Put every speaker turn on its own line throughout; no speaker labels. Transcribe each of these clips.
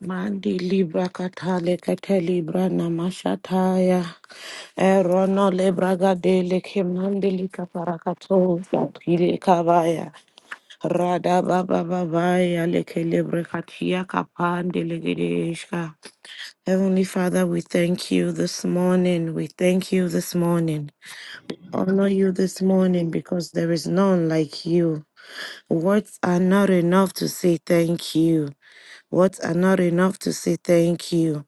Mandi libra katale kete libra namashataya. Erono lebra gadele ke mandi lika satile kabaya. Rada baba babaya leke lebre katia kapande legedeshka. Heavenly Father, we thank you this morning. We thank you this morning. Honor you this morning because there is none like you. Words are not enough to say thank you. Words are not enough to say thank you.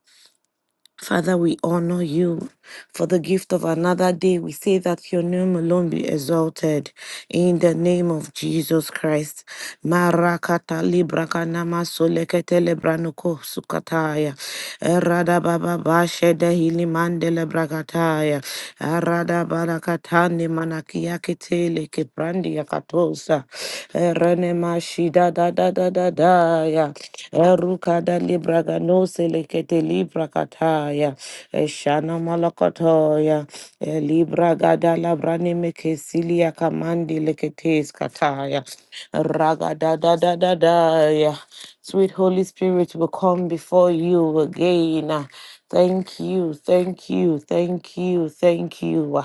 Father, we honor you for the gift of another day. We say that your name alone be exalted in the name of Jesus Christ. Marakata libraka nama solekete lebranoko sukataya. Erada baba bashede hilimande lebrakataya. Arada barakatani manakia kitele kiprandi yakatosa. Erene mashida da da da da da ya kada libra gano selekete libra kataya. Eshana malakataya. E libra gada labrani mekesilia kamandi leketes kataya. Raga da da da da da ya. Sweet Holy Spirit will come before you again. Thank you, thank you, thank you, thank you.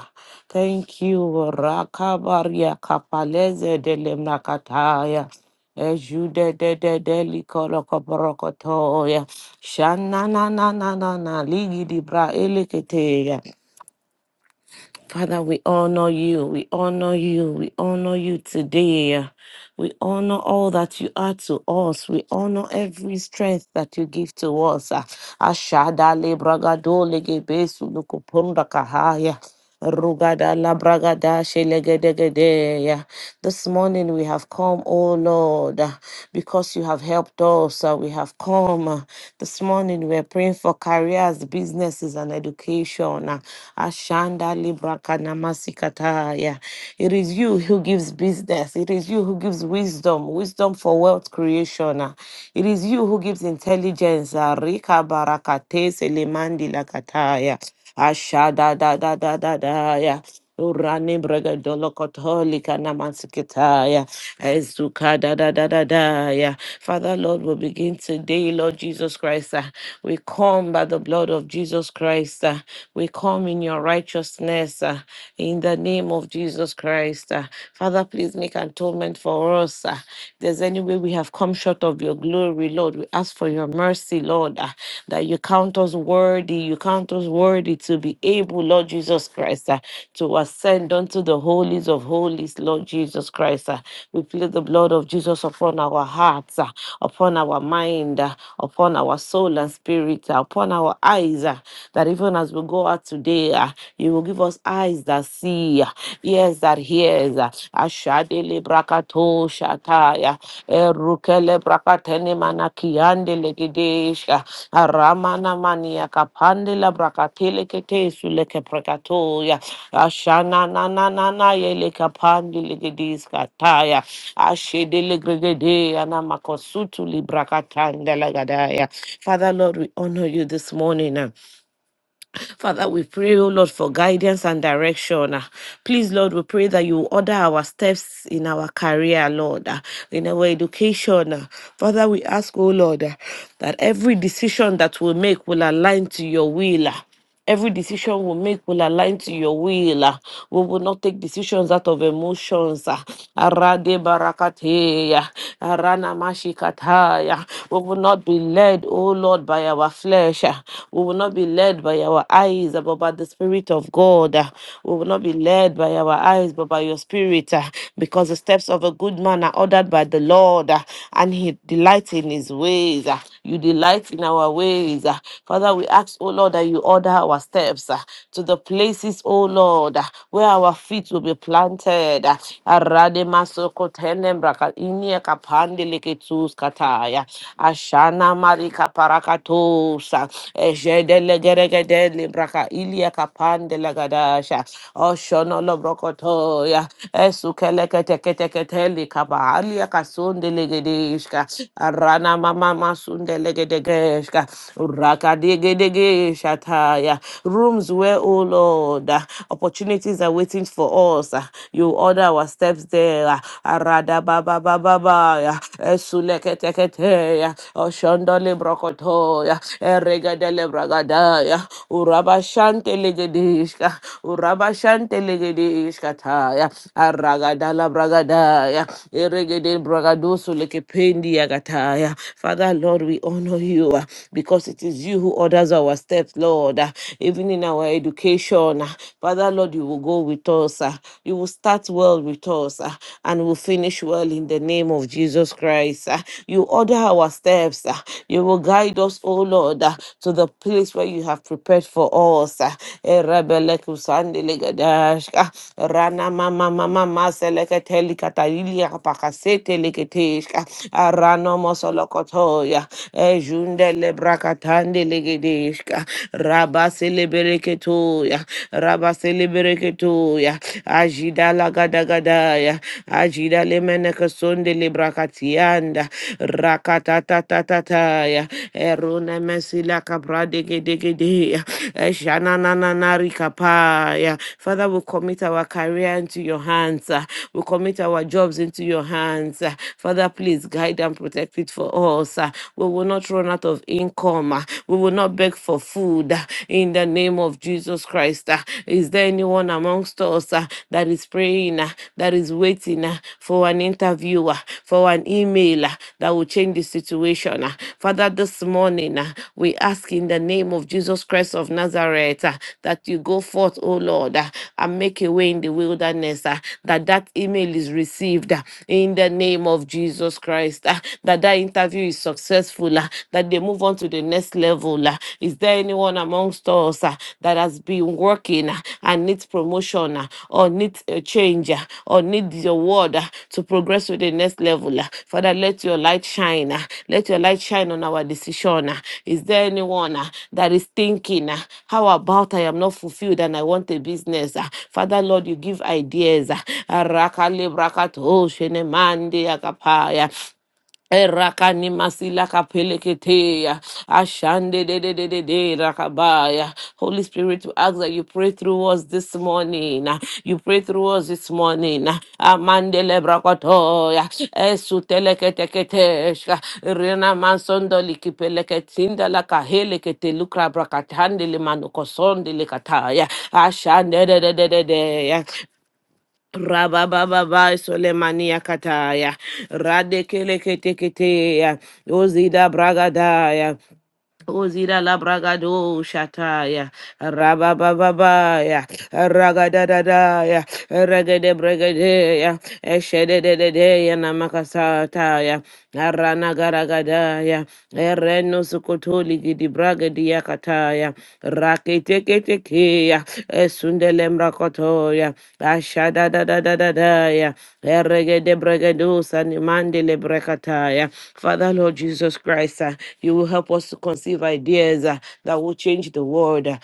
Thank you, Rakabaria Kapaleze de Lemnakataya. Ejude de de de likoro koporokotoya. Shana na na na na na ligi di bra elekete ya. Father, we honor you. We honor you. We honor you today. We honor all that you are to us. We honor every strength that you give to us. Ah, Ashada le bragado legebesu lukupunda kahaya. Rugada la bragada shelegedegedeya. This morning we have come, O Lord, ah, because you have helped us. ah, We have come. ah. This morning we are praying for careers, businesses, and education. ah. Shanda Libra Kanamasikataya. It is you who gives business. It is you who gives wisdom, wisdom for wealth creation. ah. It is you who gives intelligence. ah. Rika Barakate Selemandi Lakataya. Ashada da da da da da ya. Urani braga dolo kotoli kana mansikitaya. Ezuka da da da da da ya. Father Lord, we begin today, Lord Jesus Christ. uh, we come by the blood of Jesus Christ. uh, we come in your righteousness uh, in the name of Jesus Christ. uh. Father, please make atonement for us. uh. if there's any way we have come short of your glory, Lord, we ask for your mercy mercy, Lord, ah, that you count us worthy, you count us worthy to be able, Lord Jesus Christ, ah, to ascend unto the holies of holies, Lord Jesus Christ. ah. We plead the blood of Jesus upon our hearts, ah, upon our mind, ah, upon our soul and spirit, ah, upon our eyes, ah, that even as we go out today, ah, you will give us eyes that see, ah, ears that hears, uh, ashadele brakato shataya erukele brakatene manakiande legedesha aramana mania kapande la brakatele ketesu leke prakatoya ashana na na na na yele kapande legediska taya ashedele gregede ana makosutu librakatande lagadaya Father Lord we honor you this morning uh, Father, we pray, oh Lord, for guidance and direction. Ah, Please, Lord, we pray that you order our steps in our career, Lord, ah, in our education. ah. Father, we ask, oh Lord, ah, that every decision that we make will align to your will. ah. Every decision we make will align to your will. ah. We will not take decisions out of emotions. ah. Arade barakateya, arana mashikataya. We will not be led, oh Lord, by our flesh. ah. We will not be led by our eyes, ah, but by the Spirit of God. ah. We will not be led by our eyes, but by your Spirit, ah, because the steps of a good man are ordered by the Lord, ah, and he delights in his ways. ah. You delight in our ways. ah. Father, we ask, oh Lord, that you order our steps ah, to the places, oh Lord, ah, where our feet will be planted. ah. Aradema soko tenembra ka- inie kapande leke kata. Kataya, Ashana Marika Parakatosa, Ejede Legeregede Libraka Ilia Kapan de Lagadasha, Oshono Lobrokotoya, Esukeleketeketeli Kaba Alia Kasun de Legedeshka, Arana Mama Masun de Legedeshka, Uraka Degedege Shataya, rooms where, oh Lord, uh, opportunities are waiting for us. uh, You order our steps there ba ba ba ba ba ya esuleke tekete ya oshondole brokoto ya eregadele bragada ya uraba shante legedishka uraba shante legedishka ta ya aragadala bragada ya eregede bragado leke pendi ya gata ya Father Lord we honor you ah, because it is you who orders our steps Lord ah. even in our education ah, Father Lord you will go with us ah. you will will start well with us ah, and will finish well in the name of Jesus Christ. ah. You order our steps. ah. You will guide us, O Lord, ah, to the place where you have prepared for us. ah. Erebelekusandelegedash, ah. Rana mama mama maseleketelikatalilia pakaseteleketesh, ah. Arano mosolokotoya, ejundelebrakatandelegedesh, ah. Rabaselebeleketoya. Rabaselebereketuya, Ajida Lagadagadaya, Ajida Lemenekasonde Librakatianda, Rakatatatataya, Eruna Mesila Cabradegedegedea, Eshanananarikapaya. Father, we commit our career into your hands. uh, We commit our jobs into your hands. uh, Father, please guide and protect it for us. uh, We will not run out of income. uh, We will not beg for food food uh, in the name of Jesus Christ. uh. Is there anyone amongst us uh, that is praying, uh, that is waiting uh, for an interview, uh, for an email uh, that will change the situation? uh? Father, this morning uh, we ask in the name of Jesus Christ of Nazareth uh, that you go forth, O Lord, uh, and make a way in the wilderness, uh, that that email is received uh, in the name of Jesus Christ, uh, that that interview is successful, uh, that they move on to the next level. ah. Is there anyone amongst us ah, that has been working ah, and needs promotion ah, or needs a change ah, or needs your word ah, to progress to the next level? ah? Father, let your light shine. ah. Let your light shine on our decision. ah. Is there anyone ah, that is thinking, ah, how about I am not fulfilled and I want a business? ah? Father, Lord, you give ideas. ah. Arakale brakato shenemande akapaya. Erakani masila kapeleketea. Ashande de de de de de rakabaya. Holy Spirit, we ask that you pray through us this morning. You pray through us this morning. Amandele brakotoya. Esu teleketeketeshka. Rena mansondo likipeleketinda la kahelekete lukra brakatande le manukosonde lekataya. Ashande de de de de de. Rabababa Solemania Kataya Radekele Keteketea Ozida Bragadaya Ozida la bragado shataya, rabababaya, ragadadadaya, regede bregadeya, eshedededea namakasataya, aranagaragadaya, ereno sukotoli gidi bragadia kataya rakete kete keya esundele mrakotoya ashada da da da da da ya erregede bregedusa ni mandele brekataya Father Lord Jesus Christ uh, you will help us to conceive ideas uh, that will change the world uh,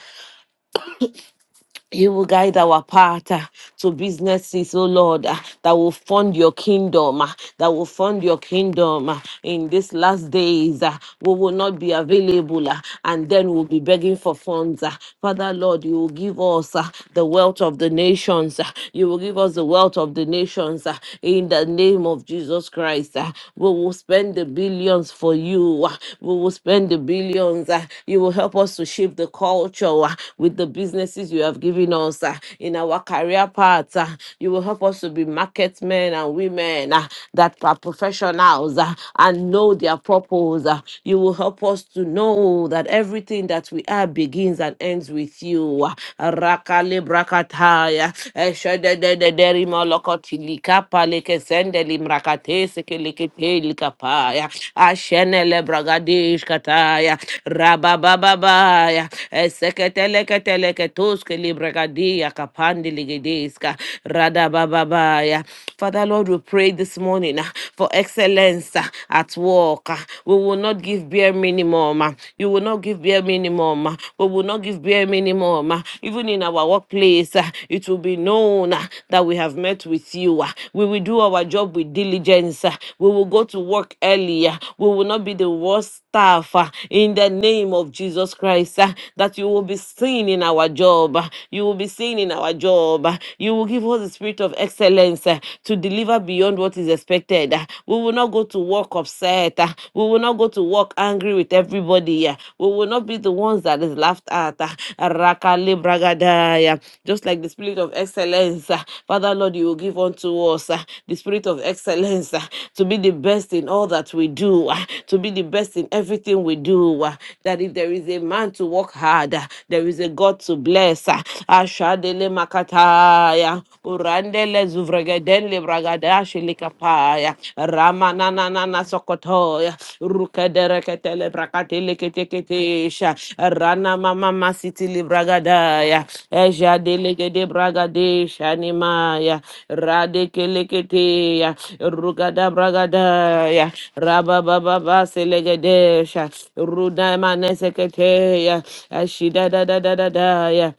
you will guide our path ah, to businesses, oh Lord, ah, that will fund your kingdom, ah, that will fund your kingdom ah. in these last days. ah, We will not be available, ah, and then we'll be begging for funds. ah. Father, Lord, you will give us ah, the wealth of the nations. ah. You will give us the wealth of the nations ah, in the name of Jesus Christ. ah. We will spend the billions for you. ah. We will spend the billions. ah. You will help us to shape the culture ah, with the businesses you have given have given us uh, in our career path. uh, you will help us to be market men and women uh, that are professionals uh, and know their purpose. uh, you will help us to know that everything that we are begins and ends with you. uh, Rakale brakataya, eshadededederi molokotilika paleke sendeli mrakate sekelekete likapaya, ashenele bragadesh kataya, rababababaya, eseketeleketeleketoske libregadia kapandi ligedeska rada bababaya. Father Lord, we pray this morning uh, for excellence uh, at work. uh. We will not give bare minimum. uh. You will not give bare minimum. uh. We will not give bare minimum. uh. Even in our workplace, uh, it will be known uh, that we have met with you. uh. We will do our job with diligence. uh. We will go to work earlier. We will not be the worst staff uh, in the name of Jesus Christ. uh, That you will be seen in our job. uh, You will be seen in our job. uh, You will give us the spirit of excellence uh, to deliver beyond what is expected. uh, We will not go to work upset. uh, We will not go to work angry with everybody. uh, We will not be the ones that is laughed at. uh, Rakale bragadaya. Just like the spirit spirit of excellence. uh, Father, Lord, you will give unto us uh, the spirit of excellence uh, to be the best in all that we do, uh, to be the best in everything we do. uh, That if there is a man to work hard, uh, there is a God to bless. uh, Ashadele makataya, urandele zuvregedenle bragadashilikapaya, ramananana sokoto. Rukedereketele brakateleketeketesha. Rana mama masitili bragadaya. Eja delegede bragadesha nimaya. Radekeleketeya. Rugada bragadaya. Rabababa selegedesha. Rudamane seketeya. Ashida da da da da da ya.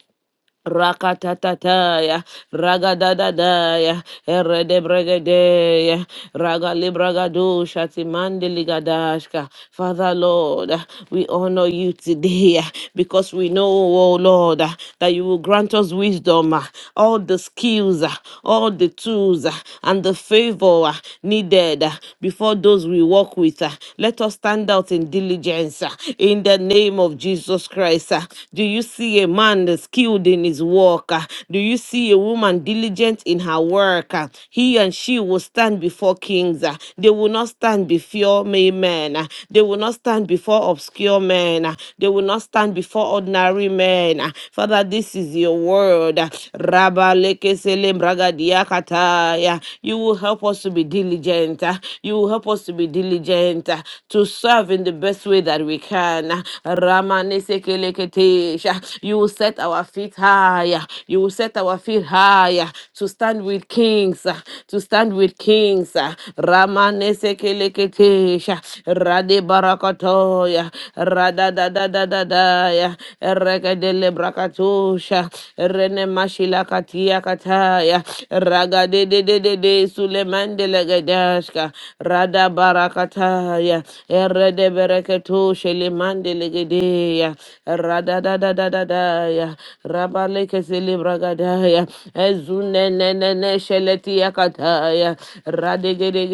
Rakatataya, ragadadadaya, eredebregedeya, ragalibragadusha, timandiligadaashka. Father Lord, we honor you today because we know, oh Lord, that you will grant us wisdom, all the skills, all the tools, and the favor needed before those we walk with. Let us stand stand out in diligence uh, in the name of Jesus Christ. uh. Do you see a man that's skilled in his work? uh? Do you see a woman diligent in her work? uh? He and she will stand before kings. uh. They will not stand before may men. uh. They will not stand before obscure men. uh. They will not stand before ordinary men. uh. Father, this is your word. uh. Rabba leke selem kataya. You will help us to be diligent. ah. You will help us to be diligent ah, to serve in the best way that we can. ah. Ramanesekeleketesha. You will set our feet higher. You will set our feet higher to stand with kings, ah, to stand with kings. ah. Ramanesekeleketesha. Rade barakatoya. Rada da da da da da regedele brakatusha rene mashila katia kataya ragade de de de de sulemande legedashka rada barakataya erede bereketu limande legedeya rada da da da da da ya rabale kesele bragadaya ezune ne ne ne sheleti yakataya radegede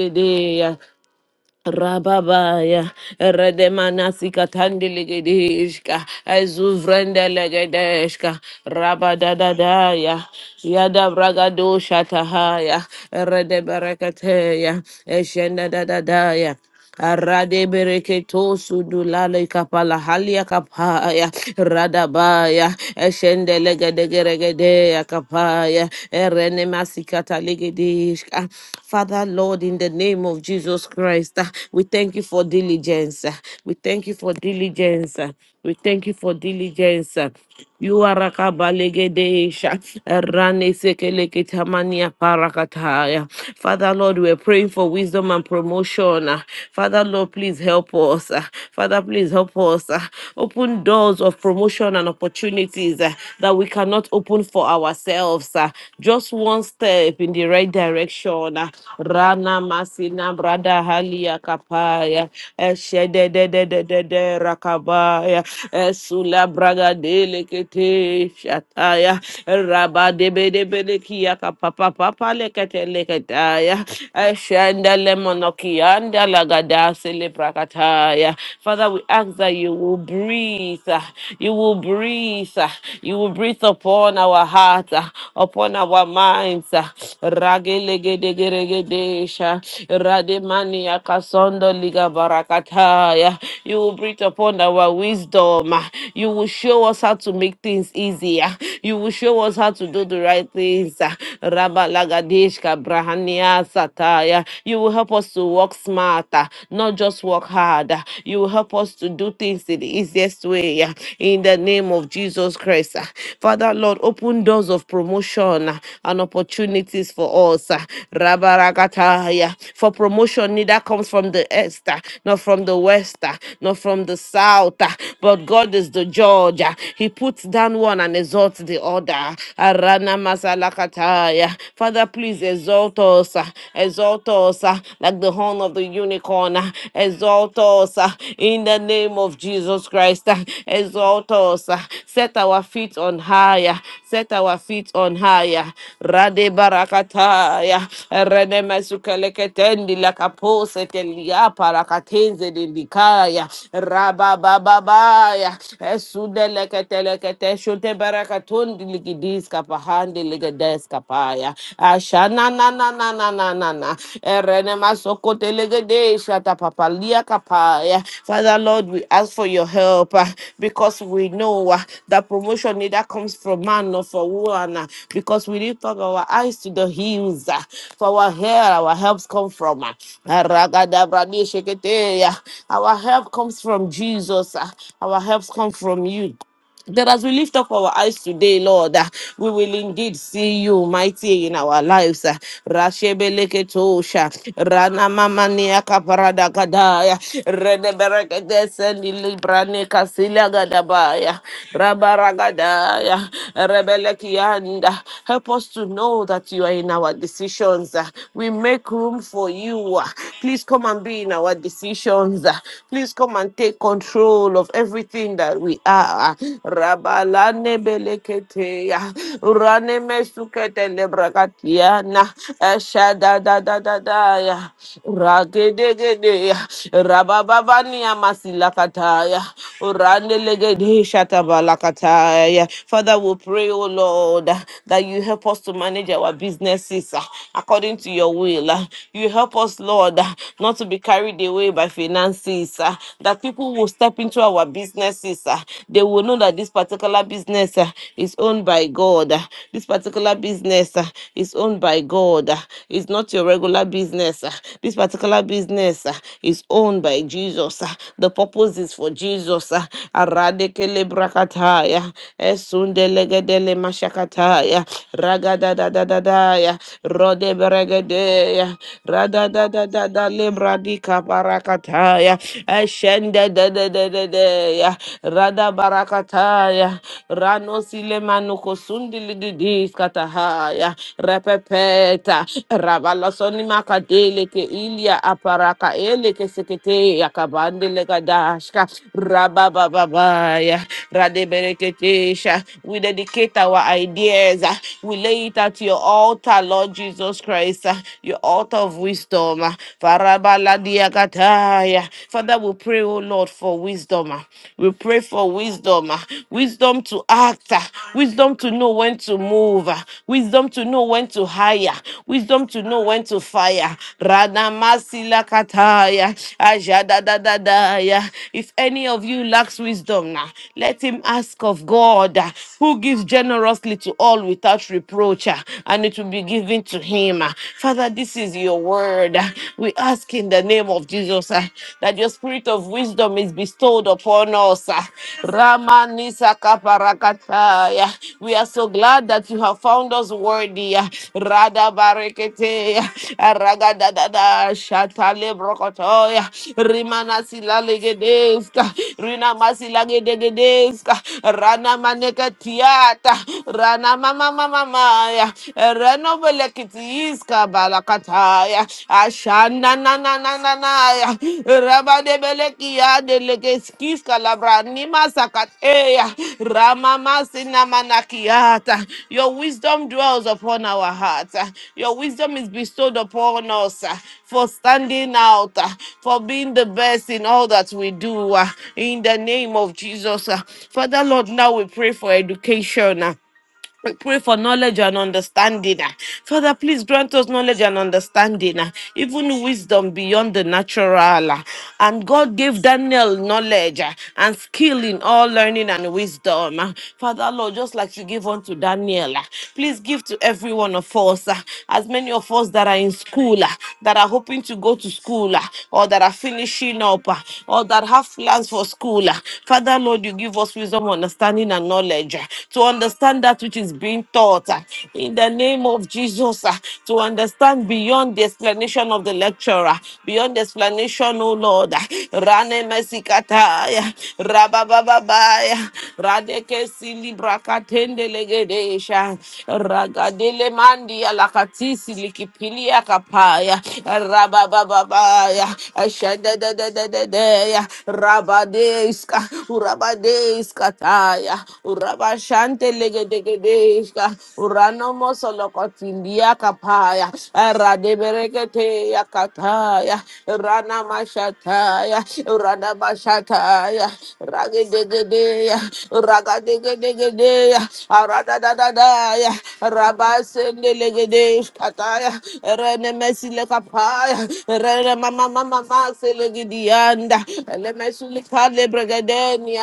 Rababaya, Redemanasika Tandiligidishka, Azuvrenda Legedeshka, Rabadadadaya, Yada Bragadusha Tahaya, Redebarakateya, Eshenda Dadadaya. Arade bereketo sudulale kapala halia kapaya radabaya eshende legedegeregede kapaya erene masikata legedishka. Father Lord, in the name of Jesus Christ, uh, we thank you for diligence. uh, We thank you for diligence. uh, we thank you for diligence. You are Rakabalegedesha, Rane Sekelekitamania Parakataya. Father Lord, we're praying for wisdom and promotion. Father Lord, please help us. Father, please help us. Open doors of promotion and opportunities uh, that we cannot open for ourselves. uh, Just one step in the right direction. uh, Rana Masina Brada Randa Halia Kapaya, Eshede de de de de de de Rakabaya, Esula Braga Delicate Shataya, Rabba de Bede Bedekia Papa Papa Lecate Lecataya, Eshanda Lemonokianda Lagada Celebrakataya. Father, we ask that you will breathe, uh, you will breathe, uh, you will breathe upon our hearts, uh, upon our our minds. Ragelegedegedesha, Rademania kasondo liga barakataya. You will breathe upon our wisdom. You will show us how to make things easier. You will show us how to do the right things. Rabalagadeshka brahania sataya. You will help us to work smarter, not just work harder. You will help us to do things in the easiest way ah, in the name of Jesus Christ. ah. Father, Lord, open doors of promotion ah, and opportunities for us. ah. Rabarakataya. For promotion neither comes from the east, ah, nor from the west, ah, nor from the south, ah, but God is the judge. ah. He puts down one and exalts the other. Arana masalakataya. Father, please exalt us, ah, exalt us ah, like the horn of the universe any corner. Exalt us uh, in the name of Jesus Christ. uh, Exalt us. uh, Set our feet on higher. Set our feet on higher. Rade barakataya. Rene mesukeleketendi lakapose telia parakatenze dindikaya. Rababababaya. Esudeleketelekete shute barakatundi ligidiska pahandi ligedeska Shataya. Ashana na na na na na na na. Erene masoko telegede shata papa lia kapaya. Father Lord, we ask for your help uh, because we know uh, that promotion neither comes from man nor from woman uh, because we lift up our eyes to the hills. uh, For our help, our helps come from uh, Aragadabradi sheketeya. our help comes from Jesus. uh, Our helps come from you that as we lift up our eyes today, Lord, uh, we will indeed see you mighty in our lives. uh, Rashebeleketosha, Ranamamaniakaparadakadaya, Reneberekedesendilibranikasilagadabaya, Rabaragadaya, Rebelekianda. Help us to know that you are in our decisions. uh, We make room for you. uh, Please come and be in our decisions. uh, Please come and take control of every everything that we are. Rabalane beleketeya, urane mesukete lebrakatiana, eshada da da da da ya, ragedegedeya, rabababania masilakataya, urane legede shatabalakataya. Father, we pray, O Lord, that you help us to manage our businesses uh, according to your will. uh. You help us, Lord, uh, not to be carried away by finances. uh, ah, that people will step into our businesses. ah. They will know that this particular business ah, is owned by God. ah. This particular business ah, is owned by God. ah. It's not your regular business. ah. This particular business ah, is owned by Jesus. ah. The purpose is for Jesus. ah. Aradekele brakataya, esundelegedele mashakataya, ragadadadadadaya, rodeberegedeya, radadadadadale barakataya, eshende de de de de de ya, rada barakataya, rano sile manuko sundi lididis katahaya, repepeta, rabala soni makadele ke ilia aparaka ele ke sekete ya kabande le kadashka, rababababaya, radebereketesha, we dedicate our ideas, uh, we lay it at your altar, Lord Jesus Christ, uh, your altar of wisdom wisdom. uh, Father, we pray, oh Lord, for wisdom. uh, We pray for wisdom. uh, Wisdom to act. uh, Wisdom to know when to move. uh, Wisdom to know when to hire. Wisdom to know when to fire. Radamasilakataya. Ajadadadadaya. If any of you lacks wisdom now, let him ask of God, uh, who gives generously to all without reproach, uh, and it will be given to him him. Father, this is your word. We ask in the name of Jesus uh, that your spirit of wisdom is bestowed upon us. uh. Ramanisa kaparakataya. We are so glad that you have found us worthy. uh. Rada barekete, uh, ragadadada, shatale brokotoya, rimana silagedeska, rina masilagedeska, rana manekatiata, rana mama mama mama Renovelekitiska balakataya. Ashana na na na na na ya. Raba de belekia de legeskiska labranima sakateya. Ramama sinamanakiata. Your wisdom dwells upon our hearts. Your wisdom is bestowed upon us uh, for standing out, uh, for being the best in all that we do. uh, In the name of Jesus. uh. Father Lord, now we pray for education. uh. We pray for knowledge and understanding. ah. Father, please grant us knowledge and understanding, ah, even wisdom beyond the natural. ah. And God gave Daniel knowledge ah, and skill in all learning and wisdom. ah. Father, Lord, just like you gave unto Daniel, ah, please give to every one of us, ah, as many of us that are in school, ah, that are hoping to go to school, ah, or that are finishing up, ah, or that have plans for school. ah. Father, Lord, you give give us wisdom, understanding, and knowledge uh, to understand that which is being taught uh, in the name of Jesus, uh, to understand beyond the explanation of the lecturer, beyond the explanation, oh Lord. uh, Rane mesikataya, rababababaya, radeke silibrakatende legedesha, ragadele mandi alakatisi likipilia kapaya, rababababaya, deya rabadeska urabadeska taya urabashante legedegedeska uranomo solokotindia kapaya radebereketeya kataya rana mashataya rana mashataya ragedegedeya ragadegedegedeya aradadadadaya rabasende legedeska taya rene kapaya rere mama mama masele gidianda ele mesuli kale bregedeni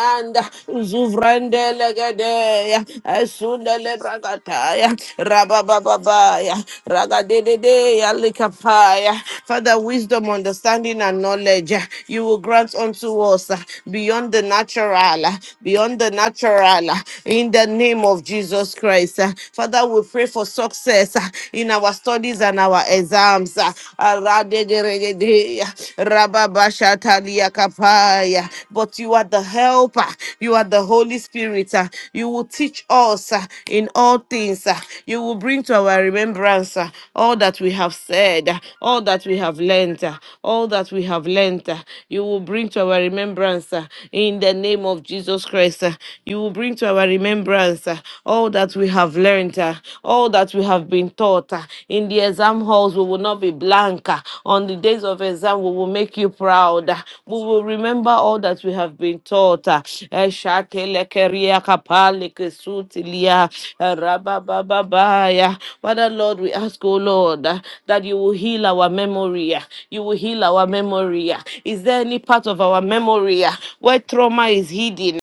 legedeya esunda le bragataya rabababaya ragadedeya likapaya father wisdom understanding and knowledge uh, you will grant unto us uh, beyond the natural uh, beyond the natural uh, in the name of Jesus Christ uh. father we pray for for success ah, in our studies and our exams. ah. Aradegeregede, rababashataliakapaya. But you are the helper, you are the Holy Spirit. ah. You will teach us ah, in all things. ah. You will bring to our remembrance ah, all that we have said, ah, all that we have learned, ah, all that we have learned. ah. You will bring to our remembrance ah, in the name of Jesus Christ. ah. You will bring to our by remembrance uh, all that we have learned, uh, all that we have been taught. uh, In the exam halls, we will not be blank. uh, On the days of exam, we will make you proud. uh, We will remember all that we have been taught. uh, Eshakelekeria kapalekesutilia, erababababaya. Father Lord, we ask, oh Lord, uh, that you will heal our memory. uh, You will heal our memory. uh. Is there any part of our memory uh, where trauma is hidden?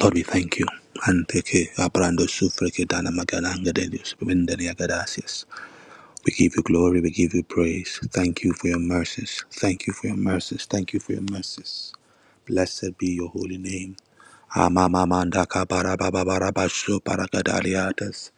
Lord, we thank you. Anteke abrando sufreke dana magalanga de Dios, bendenia gracias. We give you glory, we give you praise. Thank you for your mercies. Thank you for your mercies. Thank you for your mercies. Blessed be your holy name. Amamamanda kabara kabarababarabashu paragadaliatas.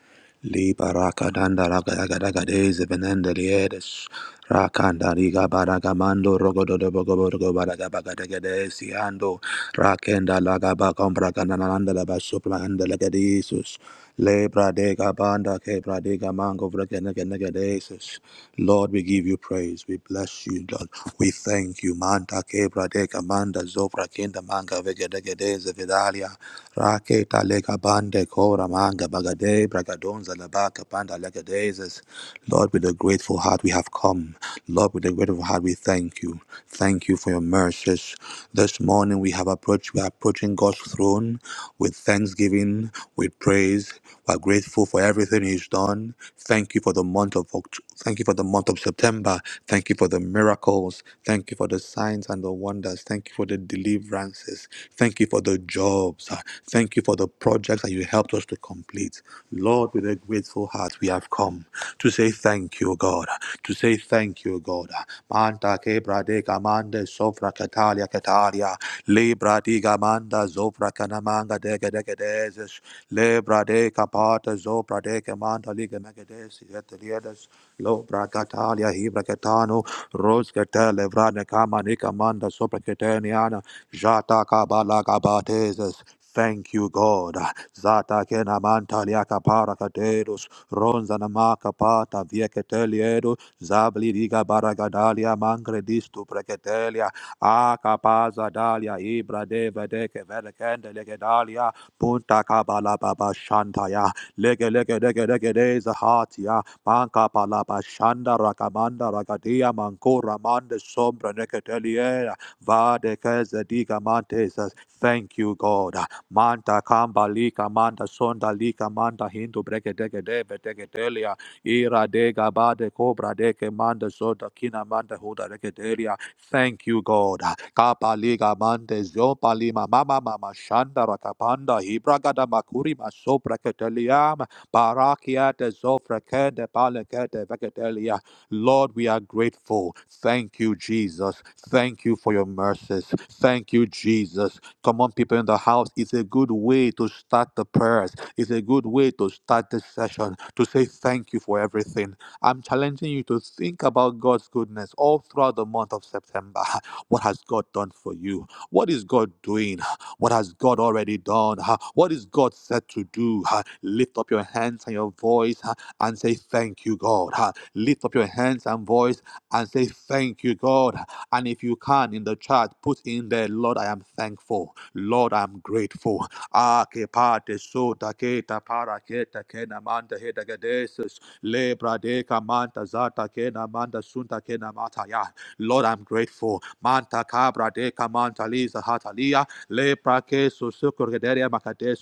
Libarakadanda ragadagadagades venendaliedes. Rakanda riga baragamando rogododobogoborgo baragabagadagades yando. Rakenda lagaba combragananda labashu plandelagadisus. Lebra de gabanda kebra de gamango vregeneganegadesus. Lord, we give you praise. We bless you, Lord. We thank you. Manta kebra de kamanda zovra kenda manga vegedegedeze vidalia. Raketa lega bande kora manga bagade bragadonza labaka panda legadezes. Lord, with a grateful heart we have come. Lord, with a grateful heart we thank you. Thank you for your mercies. This morning we have approached, we are approaching God's throne with thanksgiving, with praise. We are grateful for everything He's done. Thank you for the month of Oct- thank you for the month of September. Thank you for the miracles. Thank you for the signs and the wonders. Thank you for the deliverances. Thank you for the jobs. Uh, Thank you for the projects that you helped us to complete. Lord, with a grateful heart we have come to say thank you, God, to say thank you, God. Manta quebra de gamande sofra catalia cataria, libra di gamanda zofra canamanga de gadegadeses, libra de capata zopra de camanta liga megadesi et liedes, lobra catalia hibra catano, rose catele vrane camanica manda sopra cataniana, jata cabala gabateses. Thank you, God. Zata kena mantalia capara Ronza namaka pata vieketeliedu zabli diga baragadalia mangre distu preketelia akapaza dalia ibra deve deke verekende legedalia punta kabala baba shantaya lege lege lege lege deza hatia manka pala bashanda rakamanda ragadia mankura mande sombra neketeliera vade keze diga mantesas thank you god Manta kamba lika manda sonda lika manda hindu breke deke debe deke delia. Ira dega bade cobra deke manda zoda kina manda huda deke delia. Thank you, God. Kapa liga mande zopa lima mama mama shanda rakapanda hibragada makuri masopra keteliam. Barakia de zofra kende palekete kete veketelia. Lord, we are grateful. Thank you, Jesus. Thank you for your mercies. Thank you, Jesus. Come on, people in the house. It's a good way to start the prayers. It's a good way to start this session to say thank you for everything. I'm challenging you to think about God's goodness all throughout the month of September. What has God done for you? What is God doing? What has God already done? What is God set to do? Lift up your hands and your voice and say thank. Thank you, God. Ha. Lift up your hands and voice and say, Thank you, God. And if you can in the chat, put in there, Lord, I am thankful. Lord, I'm grateful. Ah, ke pate so ta para ke ta manda he da ga manta za ta manda sun ta mata ya. Lord, I'm grateful. Manta cabra de camanta lisa hatalia, le praque so sucur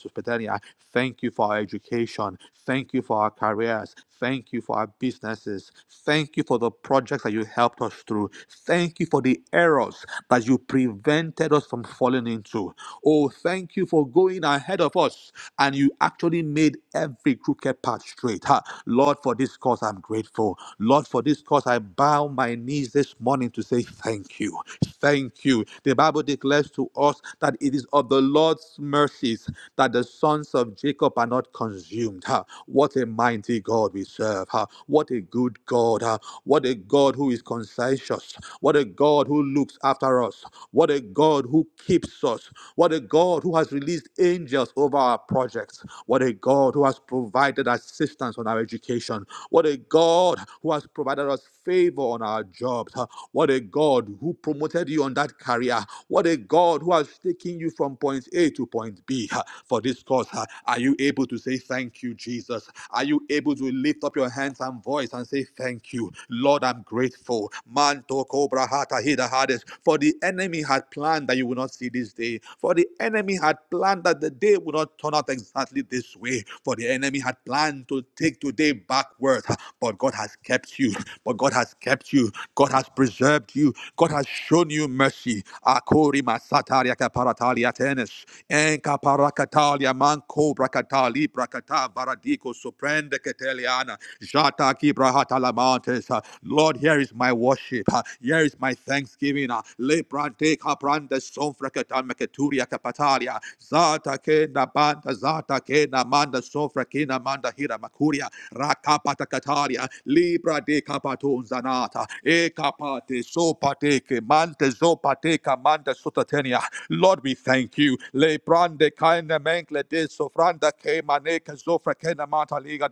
petania. Thank you for our education. Thank Thank you for our careers. Thank you for our businesses. Thank you for the projects that you helped us through. Thank you for the errors that you prevented us from falling into. Oh, thank you for going ahead of us and you actually made every crooked path straight. Ha. Lord, for this cause, I'm grateful. Lord, for this cause, I bow my knees this morning to say thank you. Thank you. The Bible declares to us that it is of the Lord's mercies that the sons of Jacob. Take up and not consumed. Huh? What a mighty God we serve. Huh? What a good God. Huh? What a God who is conscientious. What a God who looks after us. What a God who keeps us. What a God who has released angels over our projects. What a God who has provided assistance on our education. What a God who has provided us favor on our jobs. Huh? What a God who promoted you on that career. What a God who has taken you from point A to point B be uh, for this cause. uh, Are you able to say thank you, Jesus? Are you able to lift up your hands and voice and say thank you? Lord, I'm grateful. Manto cobra hata hida hades. For the enemy had planned that you will not see this day. For the enemy had planned that the day would not turn out exactly this way. For the enemy had planned to take today backward. But God has kept you. But God has kept you. God has preserved you. God has shown you mercy. Akori masatari Bracatalia Tenes, Enca Paracatalia Manco Bracatali Bracata Varadico Soprende Cateliana, Jata Kibrahatalamantes. Lord, here is my worship. uh, Here is my thanksgiving. uh, Lebrante Caprande Sonfracata Mecaturia Capatalia, Zata Kena Banda, Zata Kena Manda Sofrakina Manda Hira Macuria, Rakapata Catalia, Libra de Capatun Zanata, E Capate Sopateke, Mante Zopate manda sotatenia. Lord, we thank you. Le brande kaina menkle de sofranda ke maneka zofra kena mata liga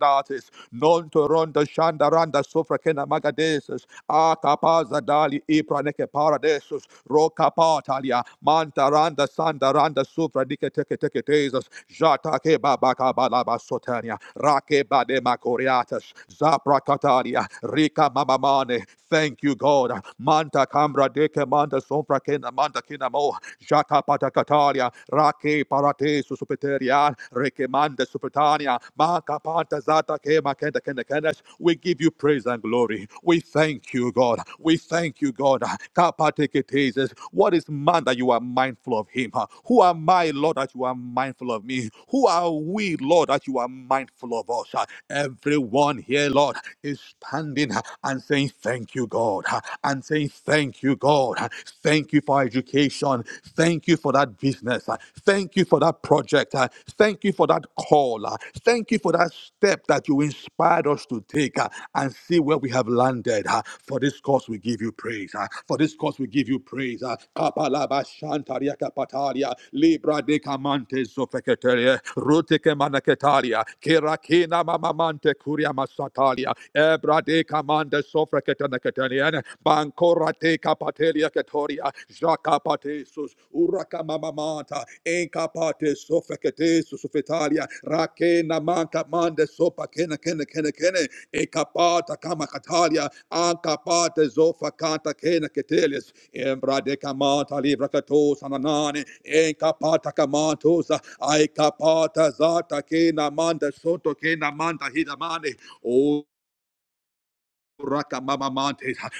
Non toronda ronda shanda randa sofra kena magadesus. A capaza dali ibra neke paradesus. Roka patalia. Manta randa sanda randa sofra dike teke teke tesus. Jatake babaka baba kabala basotania. Rake bade makoriatas. Zapra katalia. Rika mamamane. Thank you, God. Manta Kam Lambra de Kemanda Sombra Kenamanda Kinamo, Jata Patacataria, Rake Parate Susupeteria, Rekemanda Supetania, Maka Panta Zata Kema Kenda Kenda Kenesh. We give you praise and glory. We thank you, God. We thank you, God. Kapateketeses. What is man that you are mindful of him? Who am I, Lord, that you are mindful of me? Who are we, Lord, that you are mindful of us? Everyone here, Lord, is standing and saying thank you, God. God, ah, and saying, Thank you, God. ah, Thank you for education. Thank you for that business. ah, Thank you for that project. ah, Thank you for that call. ah, Thank you for that step that you inspired us to take ah, and see where we have landed. ah. For this cause, we give you praise. ah. For this cause, we give you praise. ah. Kapalaba shantaria kapataria, libra de kamante zofeketeria, rute kemanaketaria, kerakina mamamante kuria masataria, ebra de te kamanda sofra ketana ketaniana bankora te kapatelia ketoria jaka patesus uraka mamamata enkapate sofra ketesus sofetalia rakena manka mande sopa kena kena kena kena ekapata kama katalia ankapate zofa kanta kena ketelis embra de kamata livra katosa nanane enkapata kamatosa aikapata zata kena manda soto kena manda hidamane o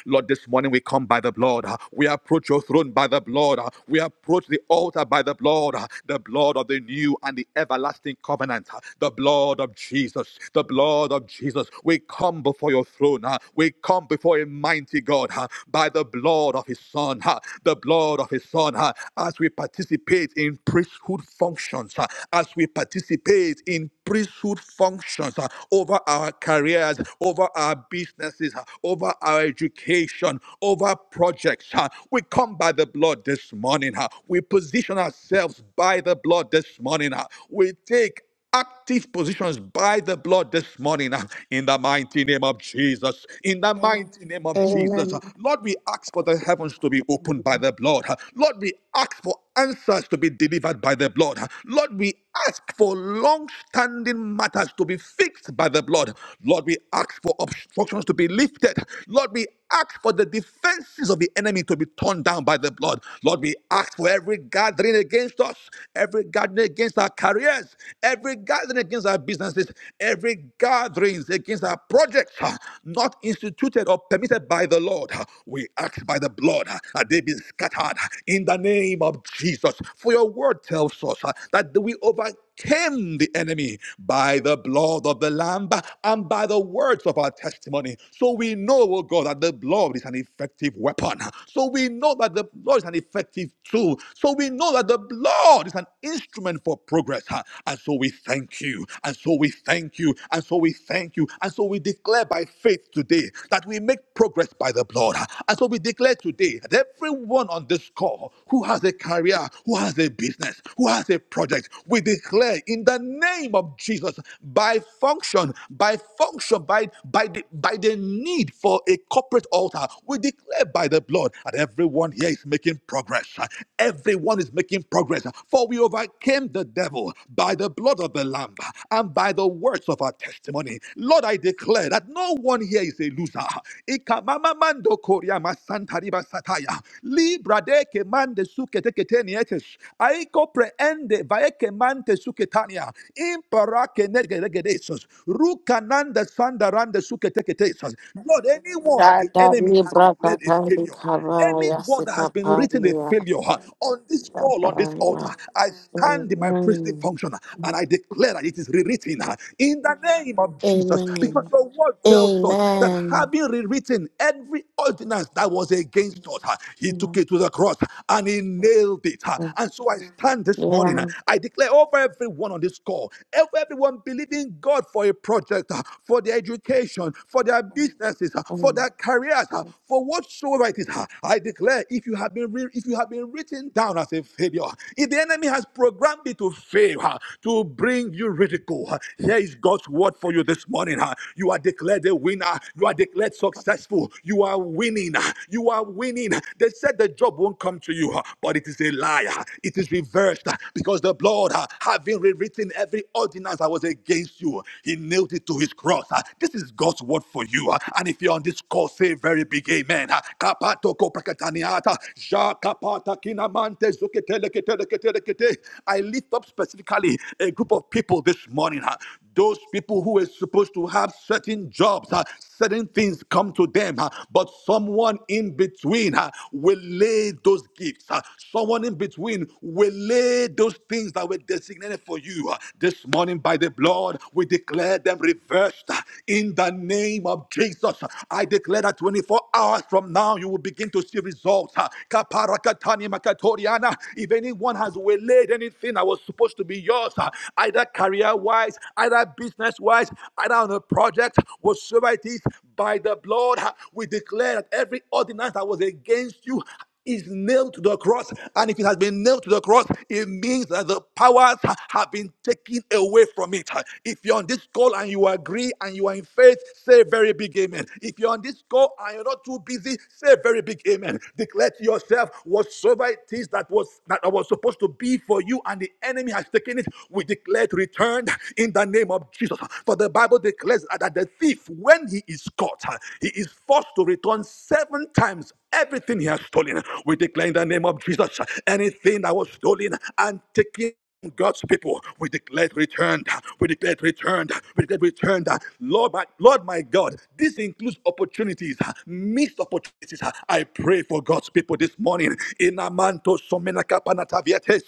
Lord, this morning we come by the blood. We approach your throne by the blood. We approach the altar by the blood, the blood of the new and the everlasting covenant, the blood of Jesus, the blood of Jesus. We come before your throne. We come before a mighty God by the blood of his son, the blood of his son. As we participate in priesthood functions, as we participate in priesthood functions uh, over our careers, over our businesses, uh, over our education, over projects. uh. We come by the blood this morning. uh. We position ourselves by the blood this morning. uh. We take active positions by the blood this morning uh, in the mighty name of Jesus. In the mighty name of Jesus. uh, Lord, we ask for the heavens to be opened by the blood. uh, Lord, we ask for answers to be delivered by the blood. Lord, we ask for long standing matters to be fixed by the blood. Lord, we ask for obstructions to be lifted. Lord, we ask for the defenses of the enemy to be torn down by the blood. Lord, we ask for every gathering against us, every gathering against our careers, every gathering against our businesses, every gathering against our projects uh, not instituted or permitted by the Lord. Uh, We ask by the blood uh, that they be scattered uh, in the name name of Jesus. For your word tells us uh, that we overcame the enemy by the blood of the Lamb and by the words of our testimony. So we know, oh God, that the blood is an effective weapon. So we know that the blood is an effective tool. So we know that the blood is an instrument for progress. huh? And so we thank you. And so we thank you. And so we thank you. And so we declare by faith today that we make progress by the blood. huh? And so we declare today that everyone on this call, who has a career, who has a business, who has a project, we declare in the name of Jesus by function, by function, by by the, by the need for a corporate altar, we declare by the blood that everyone here is making progress. Everyone is making progress, for we overcame the devil by the blood of the Lamb and by the words of our testimony. Lord, I declare that no one here is a loser. Ikamamamando koria masantariba sataya. Librade kemande sukete keteni ekes. Aiko preende vae kemante suketania. Impara kenegeregedesos. Rukananda sandarande sukete ketesos. Lord, anyone that the enemy has declared a failure,
Kabaya
anyone that has been written a
Sikapandia
failure huh, on this call, on this altar,
Dadarima.
I stand in my priestly
Amen.
function huh, and I declare that it is rewritten huh, in the name of Jesus. Because
Amen.
the word tells us that
Amen.
having rewritten every ordinance that was against us, he took
Amen.
it to the cross and he nailed it. uh, And so I stand this morning. uh,
Yeah.
I declare over everyone on this call, over everyone believing God for a project, uh, for their education, for their businesses, uh, for
Amen.
their careers, uh, for whatsoever it is. uh, I declare if you have been re- if you have been written down as a failure, if the enemy has programmed you to fail, uh, to bring you ridicule, uh, here is God's word for you this morning. uh, You are declared a winner. You are declared successful. You are winning. uh, You are you are winning. They said the job won't come to you, but it is a lie. It is reversed because the blood, having rewritten every ordinance that was against you, He nailed it to His cross. This is God's word for you. And if you're on this call, say very big amen. Kapatoko prakataniata, jakapata kinamante zuketeleketelekete. I lift up specifically a group of people this morning. huh, those people who are supposed to have certain jobs, uh, certain things come to them, uh, but some someone in between uh, will lay those gifts. uh, Someone in between will lay those things that were designated for you uh, this morning by the blood. We declare them reversed uh, in the name of Jesus. huh. I declare that 24 hours from now you will begin to see results. uh, Kaparakatani makatoriana. If anyone has waylaid anything that was supposed to be yours, uh, either career wise, either business wise, either on a project, whatsoever it is, by the blood, we declare that every ordinance that was against you is nailed to the cross. And if it has been nailed to the cross, it means that the powers ha- have been taken away from it. If you're on this call and you agree and you are in faith, say a very big amen. If you're on this call and you're not too busy, say a very big amen. Declare to yourself whatsoever it is that was that was supposed to be for you and the enemy has taken it, we declare it returned in the name of Jesus. For the Bible declares that the thief, when he is caught, he is forced to return seven times everything he has stolen. We declare in the name of Jesus anything that was stolen and taken. God's people, we declare it returned. We declare it returned. We declare it returned. Lord, my, Lord, my God, this includes opportunities, missed opportunities. I pray for God's people this morning. Inamanto somena kapanata vietes,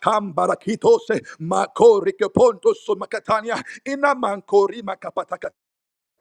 kambarakitose, makorike ponto somakatania, inamankorima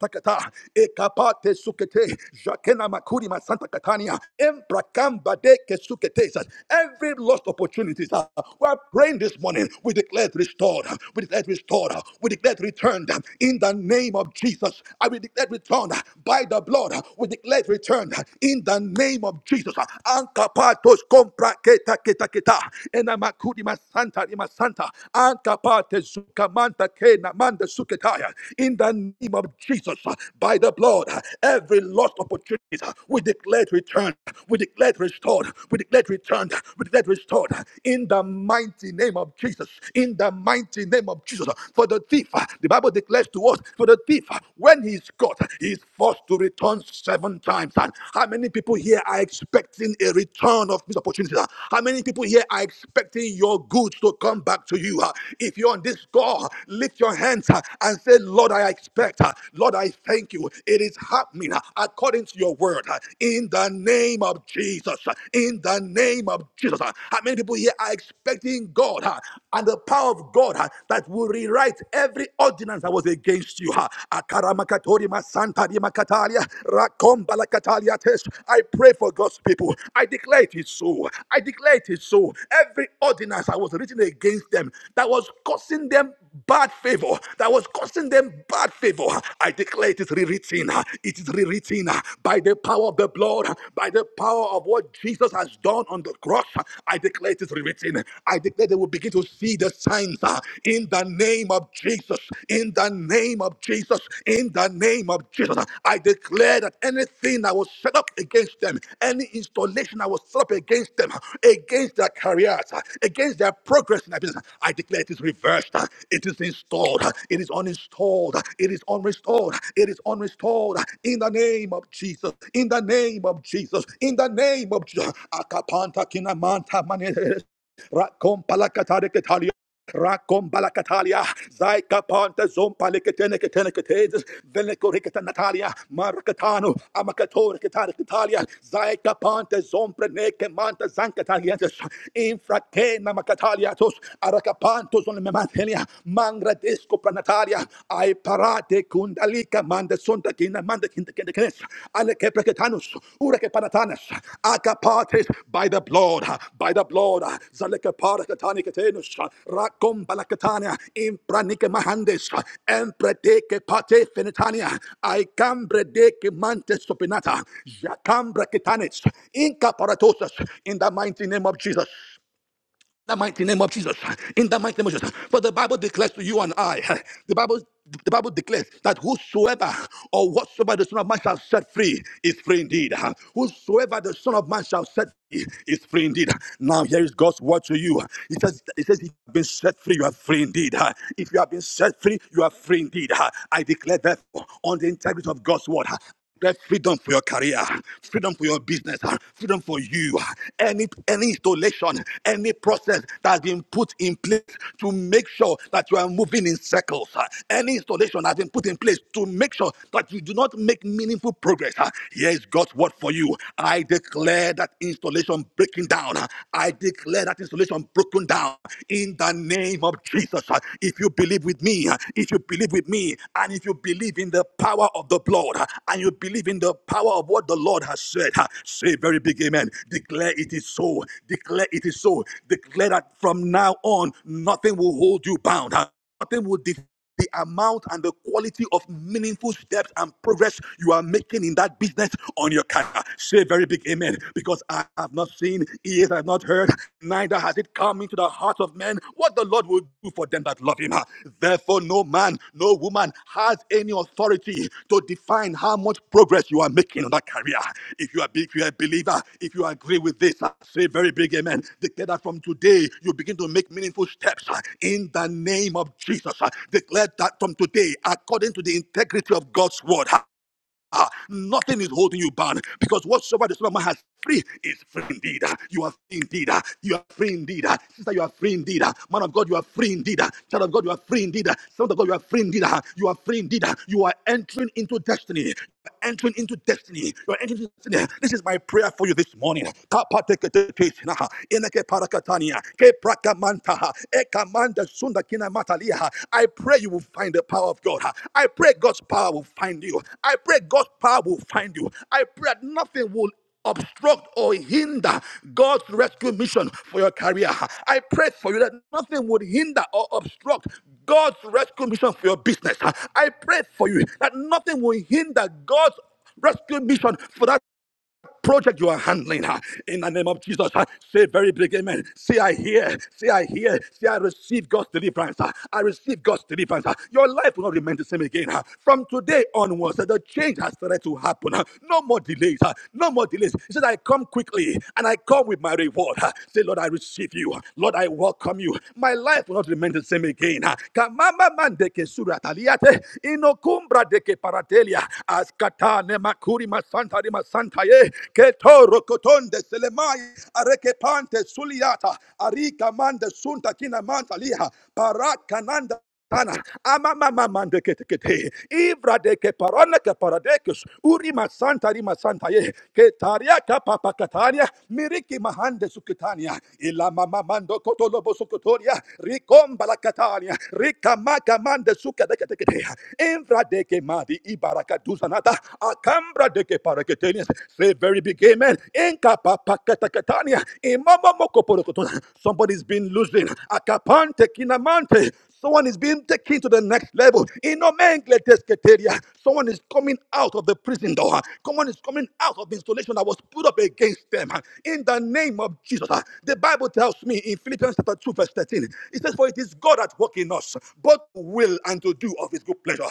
Takata, ekapate sukete, jakena makuri masanta katania, emprakamba de kesukete. Every lost opportunities, uh, we're praying this morning. We declare restored. We declare restored. We declare returned in the name of Jesus. I will declare returned by the blood. We declare returned in the name of Jesus. Ankapatos compra keta keta keta, enamakuri masanta, masanta. Atapate sukamanta kena manda suketaya. In the name of Jesus, uh, by the blood, uh, every lost opportunity, uh, we declare returned. We declare restored. We declare returned. We declare restored. In the mighty name of Jesus. In the mighty name of Jesus. For the thief, uh, the Bible declares to us, for the thief, uh, when he's caught, he's forced to return seven times. how many people here are expecting a return of? opportunities. uh, How many people here are expecting your goods to come back to you? uh? If you're on this call, uh, lift your hands uh, and say, Lord, I expect. uh, Lord, I thank you. It is happening uh, according to your word. uh, In the name of Jesus. uh, In the name of Jesus. uh." How many people here are expecting God uh, and the power of God uh, that will rewrite every ordinance that was against you? uh? Akaramakatoria masantari makatalia. Rakombalakataliates. I pray for God's people. I declare it is so. I declare it is so. Every ordinance that was written against them that was causing them bad favor, that was causing them bad favor, I declare it is rewritten. It is rewritten by the power of the blood, by the power of what Jesus has done on the cross. I declare it is rewritten. I declare they will begin to see the signs uh, in the name of Jesus. Jesus, in the name of Jesus, in the name of Jesus, I declare that anything that was set up against them, any installation that was set up against them, against their careers, against their progress in their business, I declare it is reversed, it is installed, it is uninstalled, it is unrestored, it is unrestored, in the name of Jesus, in the name of Jesus, in the name of Jesus. Akapanta kinamanta mane- Rakom Rakomba la Catalia, Zaika Ponte Zompa Licatene Catene Cates, Venecoricata Natalia, Marcatano, Amacator Catana Catalia, Zaika Ponte Zompre Neke Manta Zancatalientes, Infratena Macataliatos, Aracapantos on Mematelia, Mangra Disco Pranatalia, Ai Parate Kundalika Manda Suntakina Manda Akapates by the blood, by the blood, Zalekaparakatani Katenus, Rakom Balakatania, Impranike Mahandes, Empreteke Pate Fenitania, I cambredeke Mantes Sopinata, Jacambra Kitanis, Incaparatosas, in the mighty name of Jesus the mighty name of Jesus. In the mighty name of Jesus. For the Bible declares to you and I, the Bible the Bible declares that whosoever or whatsoever the Son of Man shall set free is free indeed. Whosoever the Son of Man shall set free is free indeed. Now here is God's word to you. He says, He says, if you have been set free, you are free indeed. If you have been set free, you are free indeed. I declare therefore on the integrity of God's word. There's freedom for your career, freedom for your business, freedom for you. Any any installation, any process that has been put in place to make sure that you are moving in circles. Any installation that has been put in place to make sure that you do not make meaningful progress. Here is God's word for you. I declare that installation breaking down. I declare that installation broken down in the name of Jesus. It if you believe with me, if you believe with me, and if you believe in the power of the blood, and you believe in the power of what the Lord has said, say very big amen. Declare it is so. Declare it is so. Declare that from now on, nothing will hold you bound. Nothing will defeat the amount and the quality of meaningful steps and progress you are making in that business on your career. Say a very big amen because I have not seen, ears have not heard, neither has it come into the hearts of men what the Lord will do for them that love him. Therefore, no man, no woman has has any authority to define how much progress you are making on that career. If you are big, if you are a believer, if you agree with this, uh, say very big amen. Declare that from today you begin to make meaningful steps uh, in the name of Jesus. uh, Declare that from today, according to the integrity of God's word, uh, Ah, nothing is holding you bound because whatsoever the Son of Man has free is free indeed. Ah, You are free indeed. Ah, You are free indeed. Ah, Sister, you are free indeed. Ah, Man of God, you are free indeed. Ah, Child of God, you are free indeed. Ah, Son of God, you are free indeed. Ah, You are free indeed. Ah, You are entering into destiny. You are entering into destiny. You are entering into destiny. This is my prayer for you this morning. Kapateketekesina, eneke parakatania, keprakamanta, Ekamanda Sunda Kina Matalia. I pray you will find the power of God. I pray God's power will find you. I pray God's power will find you. I pray that nothing will obstruct or hinder God's rescue mission for your career. I pray for you that nothing would hinder or obstruct God's rescue mission for your business. I pray for you that nothing will hinder God's rescue mission for that project you are handling uh, in the name of Jesus. uh, Say very big amen. Say I hear, say I hear, say I receive God's deliverance. uh, I receive God's deliverance. uh, Your life will not remain the same again. uh, From today onwards, uh, the change has started to happen. uh, No more delays. uh, No more delays. He said, I come quickly and I come with my reward. uh, Say, Lord, I receive you. Lord, I welcome you. My life will not remain the same again. uh, Kamama mandeke surata liate, inokumbra deke paratelia askata ne makuri masanta di masanta ye keto rokotonde selemai areke pante suliata arika mande sunta kina manta liha parakananda Ana, ama mama mande kete kete. Ibra de ke parana ke paradekus. Uri masanta ri masanta ye. Ke taria ka papa kataria. Miriki mahande sukitania. Ila mama mando kotolobo sukutoria. Rikomba la katania. Rika maka Amande suke deke deke de. Invra deke madi ibaraka duzanata. Akambra deke paraketenia. Say very big amen. Inkapa pakatania. Imama moko porokotona. Somebody's been losing. Akapante kinamante. Someone is being taken to the next level. Inomengle desketeria. Someone is coming out of the prison door. Someone is coming out of the installation that was put up against them. In the name of Jesus. The Bible tells me in Philippians chapter 2, 2 verse 13. It says, For it is God at work in us, both to will and to do of his good pleasure.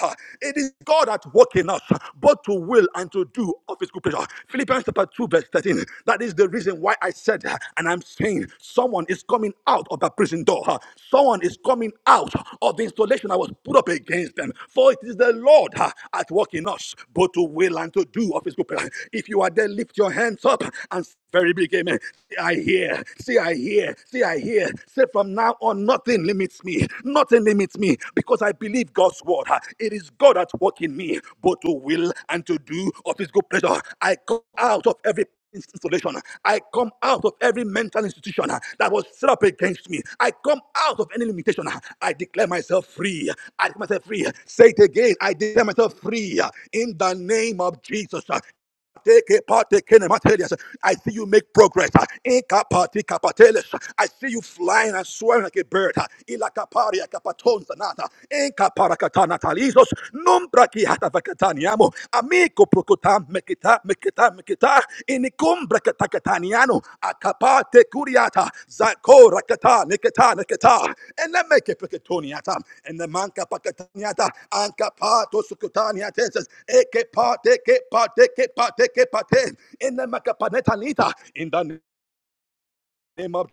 It is God at work in us, both to will and to do of his good pleasure. Philippians chapter 2 verse 13. That is the reason why I said, and I'm saying, someone is coming out of that prison door. Someone is coming out of the installation that was put up against them. For it is the Lord uh, at work in us, both to will and to do of his good pleasure. If you are there, lift your hands up and very big Amen amen. See, I hear. See, I hear. See, I hear. Say from now on, nothing limits me. Nothing limits me because I believe God's word. Ah, It is God at work in me, both to will and to do of his good pleasure. I come out of every installation. I come out of every mental institution uh, that was set up against me. I come out of any limitation. uh, I declare myself free. I declare myself free. Say it again. I declare myself free uh, in the name of Jesus. Take a part, take a materials. I see you make progress. Incapati capateles. I see you flying and soaring like a bird. Ilacaparia capatonza nata. Incaparacatana talisos. Numbra ki hata vacataniamo. Amico procotam mekita mekita mekita. Kumbre katakataniano, akapate kuriata, zako rakata, nikata, nikata, and then make it piketoniata, and the manka pakataniata, anka pato sukutaniatenses, eke pate, ke pate, ke pate, ke pate, in the makapanetanita, in the name of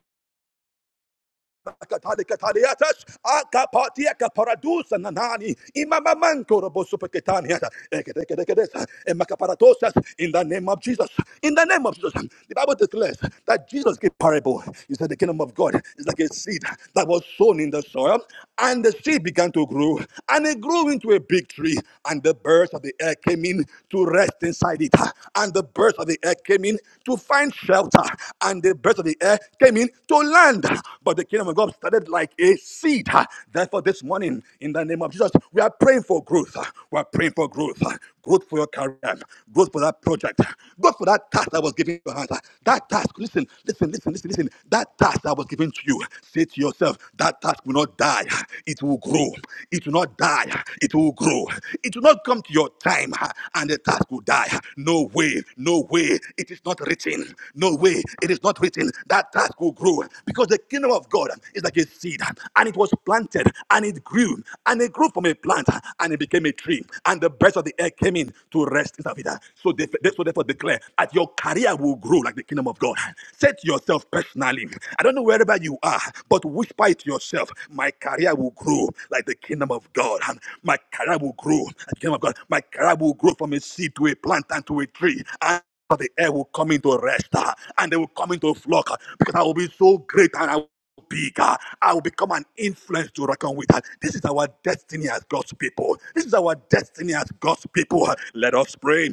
Katariatas, Akapatia Caparadusa Nanani, Imamamanco Robosupetania, Ekedekedesa, and Macaparatosas, in the name of Jesus. In the name of Jesus. The Bible declares that Jesus gave parable. He said the kingdom of God is like a seed that was sown in the soil, and the seed began to grow, and it grew into a big tree, and the birds of the air came in to rest inside it, and the birds of the air came in to find shelter, and the birds of the air came in came in to land. But the kingdom of God started like a seed. Therefore, this morning, in the name of Jesus, we are praying for growth. We are praying for growth. Growth for your career. Growth for that project. Growth for that task that was given to your hands. That task, listen, listen, listen, listen, listen. That task that was given to you, say to yourself, that task will not die. It will grow. It will not die. It will grow. It will not come to your time and the task will die. No way, no way. It is not written. No way away. It is not written that task will grow because the kingdom of God is like a seed and it was planted and it grew and it grew from a plant and it became a tree and the birds of the air came in to rest inside of it. So, they, so therefore declare that your career will grow like the kingdom of God. Say to yourself personally, I don't know wherever you are, but whisper it to yourself, my career will grow like the kingdom of God. My career will grow like the kingdom of God. My career will grow from a seed to a plant and to a tree. And the air will come into rest uh, and they will come into a flock uh, because I will be so great and I will be big. uh, I will become an influence to reckon with. uh. This is our destiny as God's people. This is our destiny as God's people. uh. Let us pray.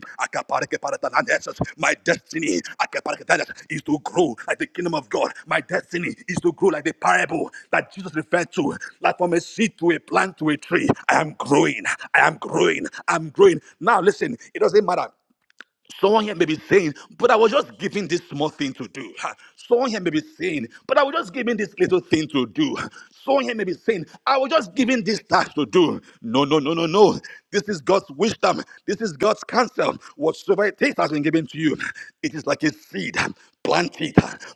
My destiny is to grow like the kingdom of God. My destiny is to grow like the parable that Jesus referred to, like from a seed to a plant to a tree. I am growing. I am growing. I'm growing. Now listen, it doesn't matter. Someone here may be saying, but I was just given this small thing to do. Ha. Someone here may be saying, but I was just given this little thing to do. Someone here may be saying, I was just given this task to do. No, no, no, no, no. This is God's wisdom. This is God's counsel. Whatsoever it is has been given to you. It is like a seed. Plant it,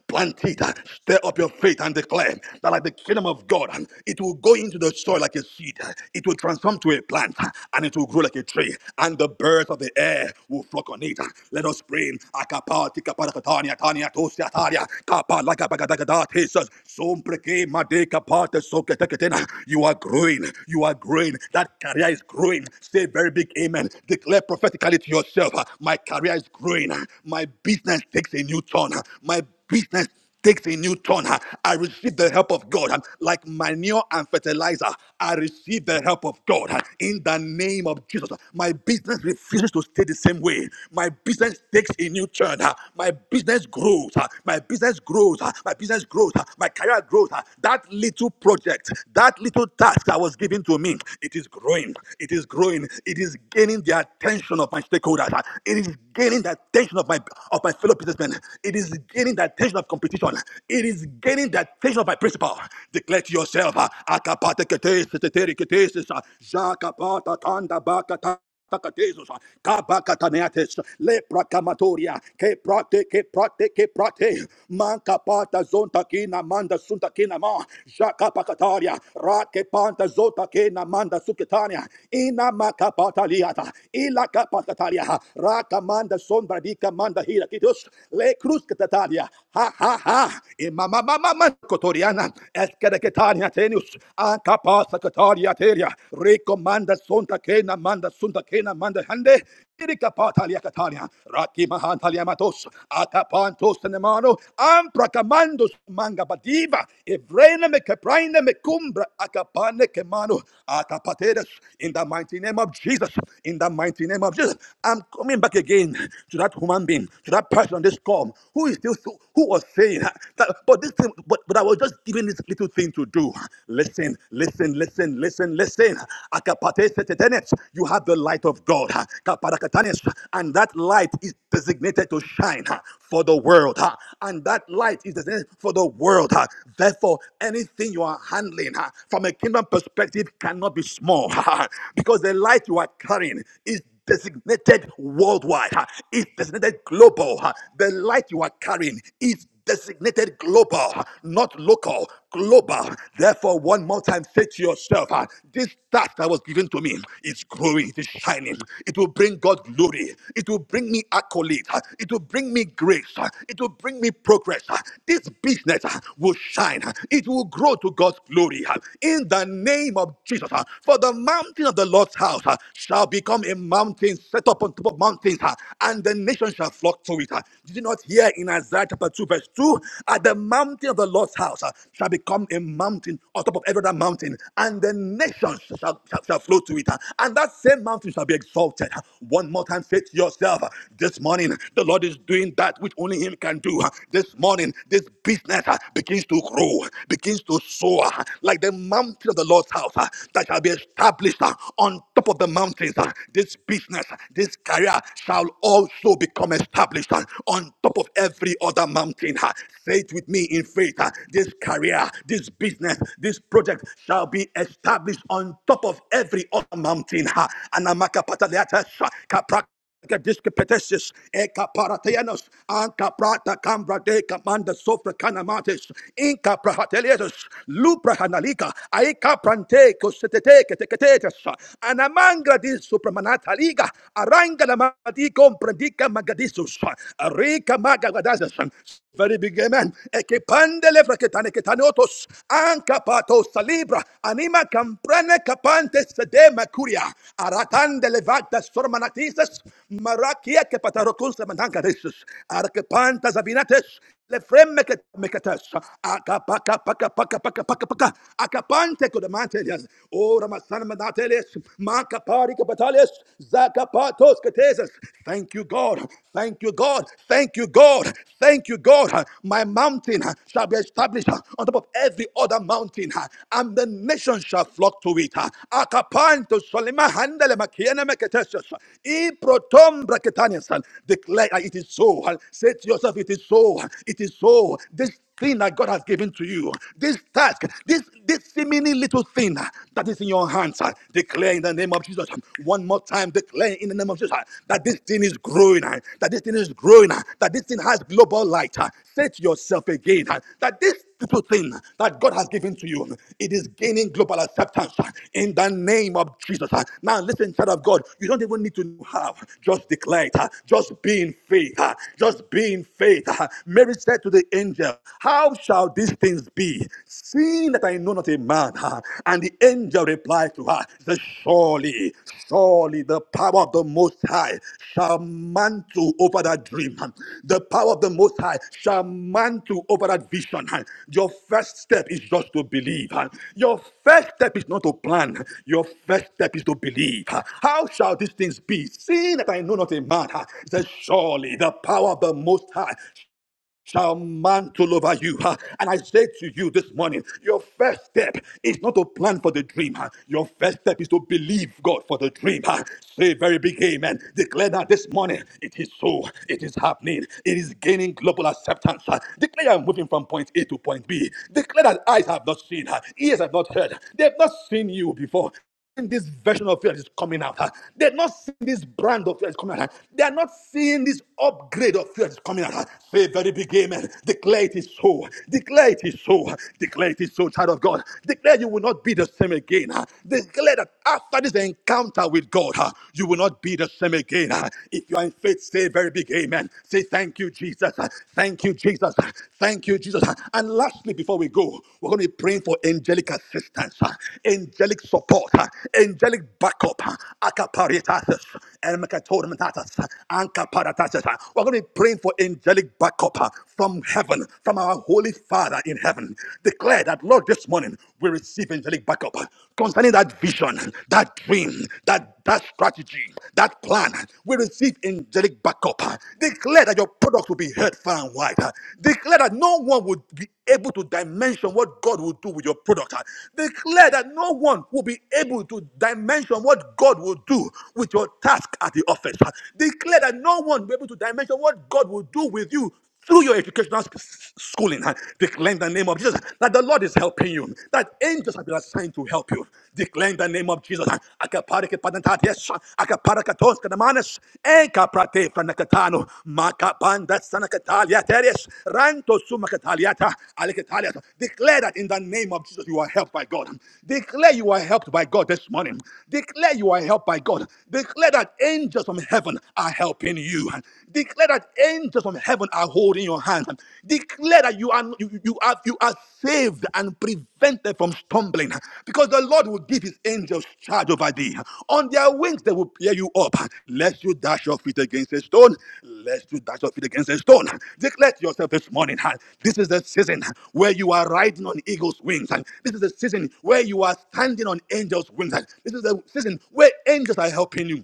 plant it, stir up your faith and declare that like the kingdom of God, it will go into the soil like a seed, it will transform to a plant, and it will grow like a tree and and the birds of the air will flock on it. Let us pray. Akapa, tikapa, katania, tania, tosia, taria, kapa, laka, bagadagada, tesis, sompreke, made, kapa, tesoke, teketena. You are growing. You are growing. That career is growing. Say very big amen. Declare prophetically to yourself, my career is growing. My business takes a new turn. My business takes a new turn. huh? I receive the help of God. huh? Like manure and fertilizer, I receive the help of God. huh? In the name of Jesus, huh? my business refuses to stay the same way. My business takes a new turn. huh? My business grows. huh? My business grows. huh? My business grows. huh? My career grows. huh? That little project, that little task that was given to me, it is growing. It is growing. It is gaining the attention of my stakeholders. huh? It is gaining the attention of my of my fellow businessmen. It it is gaining the attention of competition. It is gaining the attention of my principal. Declare to yourself, uh, Akapate kete seteteri kete sesa, Jakapata tanda bakata. Takatesos, kabakataneates, leprakamatoria, ke prate, ke prate, ke prate, manka pata zonta kina manda sunta kina ma, jaka pakataria, rake panta zonta kina manda suketania, ina makapata liata, ila kapakataria, raka manda sombra dika manda hira kitos le cruz katataria. Ha ha ha. E mama mama man kotoriana. Eskere ketania tenius. Anka pasa kataria teria. rekomanda sonta kena manda sunta kena manda hande. Irika patalia katalia. Raki mahantalia matos. Atapantos tenemano. amprakamandos manga badiva. Evrena me kepraina me cumbra. Akapane kemano. Atapateras. In the mighty name of Jesus. In the mighty name of Jesus. I'm coming back again back again to that human being, to that person on this call who is still who was saying that, but this thing, but, but I was just given this little thing to do. Listen, listen, listen, listen, listen. Akapate setetenet. You have the light of God. Kaparakatanes. And that light is designated to shine for the world. And that light is designated for the world. Therefore, anything you are handling from a kingdom perspective cannot be small because the light you are carrying is designated worldwide, huh, it's designated global. huh. The light you are carrying is designated global, huh, not local, global. Therefore, one more time, say to yourself, huh, this task that was given to me is growing, it is shining. It will bring God glory. It will bring me accolades. huh, It will bring me grace. huh, It will bring me progress. huh. This business huh, will shine. huh, It will grow to God's glory. huh, In the name of Jesus, huh. for the mountain of the Lord's house house uh, shall become a mountain set up on top of mountains, uh, and the nations shall flock to it. uh. Did you not hear in Isaiah chapter 2, verse 2? At the mountain of the Lord's house uh, shall become a mountain on top of every other mountain, and the nations shall, shall, shall flow to it. uh, And that same mountain shall be exalted. Uh, One more time, say to yourself, uh, this morning, the Lord is doing that which only Him can do. uh. This morning, this business uh, begins to grow, begins to soar, uh, like the mountain of the Lord's house uh, that shall be established established uh, on top of the mountains. uh, This business, uh, this career shall also become established uh, on top of every other mountain. uh. Say it with me in faith. uh, This career, this business, this project shall be established on top of every other mountain. uh. Anamaka pataleatas, uh, Discapetesis, Eka Paratayanos, Anka Prata Cambra de Camanda Sofra Canamatis, Inca Prahatelius, Lupra Hanalika, Aika Prante, Cosete, Catecatetas, Anamangra di Supramanata Liga, Aranga la Madi Comprendica Magadisus, Rica Magagadazas, very big amen. Ekipande lefra ketane ketane otos. Ankapato salibra. Anima camprane capantes de macuria. Aratande levata sormanatises. Marakia kepatarocuns mantancaresus. Arkepantas abinates. Lefremeke- meketesh. Akapaka- paka- paka- paka- paka- paka. Akapante kodamantelias. O Ramasana manatelias. Makapari kapatalias. Zakapatos katesas. Thank you, God. Thank you, God. Thank you, God. Thank you, God. My mountain shall be established on top of every other mountain, and the nations shall flock to it. Akapanto solima handele makiene meketesis. I protom braketanias. Declare it is so. Say to yourself, it is so so. It is so. This thing that God has given to you, this task, this this seemingly little thing that is in your hands, uh, declare in the name of Jesus. One more time, declare in the name of Jesus uh, that this thing is growing, uh, that this thing is growing, uh, that this thing has global light. uh, Say to yourself again uh, that this little thing that God has given to you, it is gaining global acceptance uh, in the name of Jesus. uh. Now listen, child of God, you don't even need to know how. Just declare it. uh, Just be in faith. uh, Just be in faith. uh, Mary said to the angel, How shall these things be, seeing that I know not a man? huh? And the angel replied to her, Surely, surely the power of the Most High shall mantle over that dream. huh? The power of the Most High shall mantle over that vision. huh? Your first step is just to believe. huh? Your first step is not to plan. Your first step is to believe. huh? How shall these things be, seeing that I know not a man? huh? He said, Surely the power of the Most High shall mantle over you. huh? And I say to you this morning, your first step is not to plan for the dream. huh? Your first step is to believe God for the dream. huh? Say a very big amen. Declare that this morning it is so, it is happening, it is gaining global acceptance. huh? Declare I'm moving from point A to point B. Declare that eyes have not seen, huh? ears have not heard, they have not seen you before seeing this version of you that is coming out. huh? They're not seeing this brand of you that is coming out. huh? They are not seeing this upgrade of you that is coming out. huh? Say a very big amen. Declare it is so. Declare it is so. Declare it is so, child of God. Declare you will not be the same again. huh? Declare that after this encounter with God, huh, you will not be the same again. huh? If you are in faith, say a very big amen. Say thank you, Jesus. huh? Thank you, Jesus. huh? Thank you, Jesus. And lastly, before we go, we're going to be praying for angelic assistance, uh, angelic support, uh, angelic backup, uh, akaparitasis, ermekatormentatis, uh, ankaparatasis, uh. We're going to be praying for angelic backup uh, from heaven, from our Holy Father in heaven. Declare that, Lord, this morning we receive angelic backup uh, concerning that vision, that dream, that that strategy, that plan. We receive angelic backup. ah. Declare that your products will be heard far and wide. ah. Declare that no one would be able to dimension what God will do with your product. ah. Declare that no one will be able to dimension what God will do with your task at the office. ah. Declare that no one will be able to dimension what God will do with you through your educational sc- s- schooling, huh, declare in the name of Jesus that the Lord is helping you, that angels have been assigned to help you. Declare in the name of Jesus. huh, akapareke panantatias, akaparaketos kanamanes, enkaprate franakatano, makapanda sanakataliaterias, ranto sumakataliata, alekataliata. Declare that in the name of Jesus you are helped by God. Declare you are helped by God this morning. Declare you are helped by God. Declare that angels from heaven are helping you you. Declare that angels from heaven are holding your hand. Declare that you are you, you are you are saved and prevented from stumbling. Because the Lord will give his angels charge over thee. On their wings they will bear you up. Lest you dash your feet against a stone. Lest you dash your feet against a stone. Declare to yourself this morning. This is the season where you are riding on eagle's wings. This is the season where you are standing on angels' wings. This is the season where angels are helping you.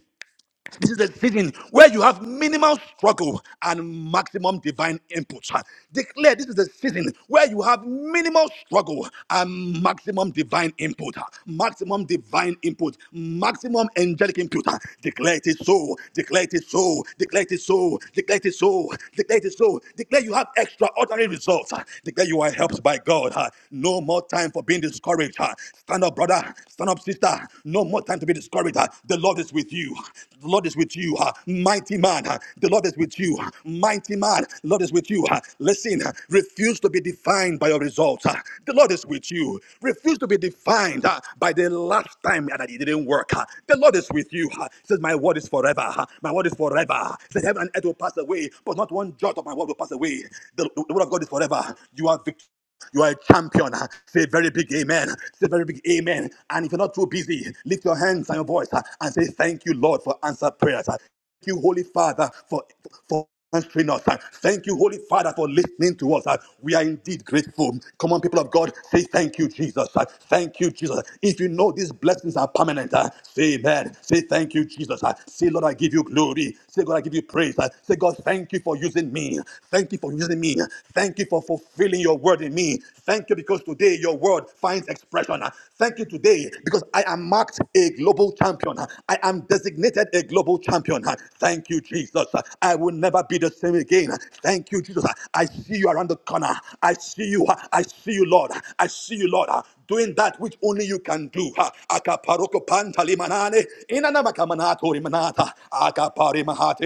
This is the season where you have minimal struggle and maximum divine input. Declare this is the season where you have minimal struggle and maximum divine input. Maximum divine input. Maximum angelic input. Declare it is so. Declare it is so. Declare it is so. Declare it is so. Declare it is so. Declare you have extraordinary results. Declare you are helped by God. No more time for being discouraged. Stand up, brother. Stand up, sister. No more time to be discouraged. The Lord is with you. The Lord is with you, uh, mighty man. uh, The Lord is with you, uh, mighty man. The Lord is with you. uh, Listen, uh, refuse to be defined by your results. uh, The Lord is with you. Refuse to be defined uh, by the last time that it didn't work. uh, The Lord is with you. uh, He says, My word is forever. uh, My word is forever. He says, Heaven and earth will pass away, but not one jot of my word will pass away. The, the word of God is forever. You are victorious. You are a champion. Say a very big amen. Say a very big amen. And if you're not too busy, lift your hands and your voice uh, and say, Thank you, Lord, for answered prayers. Uh, Thank you, Holy Father, for for answering us. Uh, Thank you, Holy Father, for listening to us. Uh, We are indeed grateful. Come on, people of God, say thank you, Jesus. Uh, Thank you, Jesus. If you know these blessings are permanent, uh, say amen. Say thank you, Jesus. Uh, Say, Lord, I give you glory. Say, God, I give you praise. Uh, Say, God, thank you for using me. Thank you for using me. Thank you for fulfilling your word word in me. Thank you because today your word finds expression. Thank you today because I am marked a global champion. I am designated a global champion. Thank you, Jesus. I will never be the same again. Thank you, Jesus. I see you around the corner. I see you. I see you, Lord. I see you, Lord doing that which only you can do. Ha. Akaparoko pantalimanane, inanamakamanatorimana. Manata, Akapari Mahate,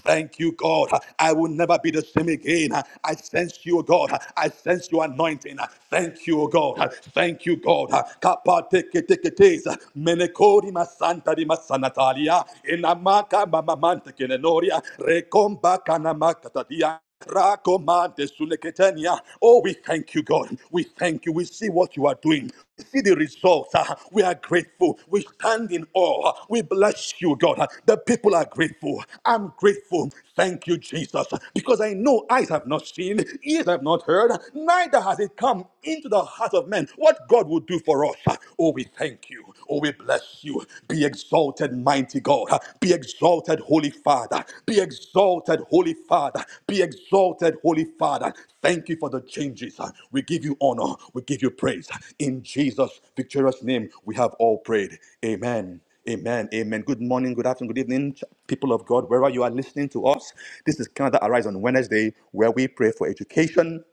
Thank you, God. I will never be the same again. I sense you, God. I sense your anointing. Thank you, God. Thank you, God. Kapate keteketes. Menekori masanta di masanatalia. Inamaka mamamante kenenoria. Rekomba kanamaka tatia. Rakomante suleketenia. Oh, we thank you, God. We thank you. We see what you are doing. We see the results. ah. We are grateful. We stand in awe. We bless you, God. The people are grateful. I'm grateful. Thank you, Jesus. Because I know eyes have not seen, ears have not heard, neither has it come into the heart of men what God will do for us. Ah, Oh, we thank you. Oh, we bless you. Be exalted, mighty God. Be exalted, Holy Father. Be exalted, Holy Father. Be exalted, Holy Father. Thank you for the changes. We give you honor. We give you praise. In Jesus' victorious name, we have all prayed. Amen. Amen. Amen. Good morning, good afternoon, good evening, people of God, wherever you are listening to us. This is Canada Arise on Wednesday, where we pray for education,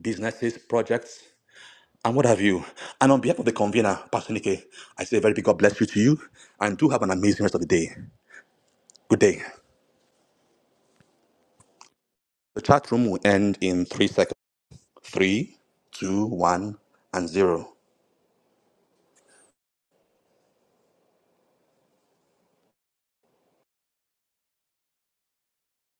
businesses, projects, and what have you. And on behalf of the convener, Pastor Nike, I say a very big God bless you to you and do have an amazing rest of the day. Good day. The chat room will end in three seconds. Three, two, one, and zero.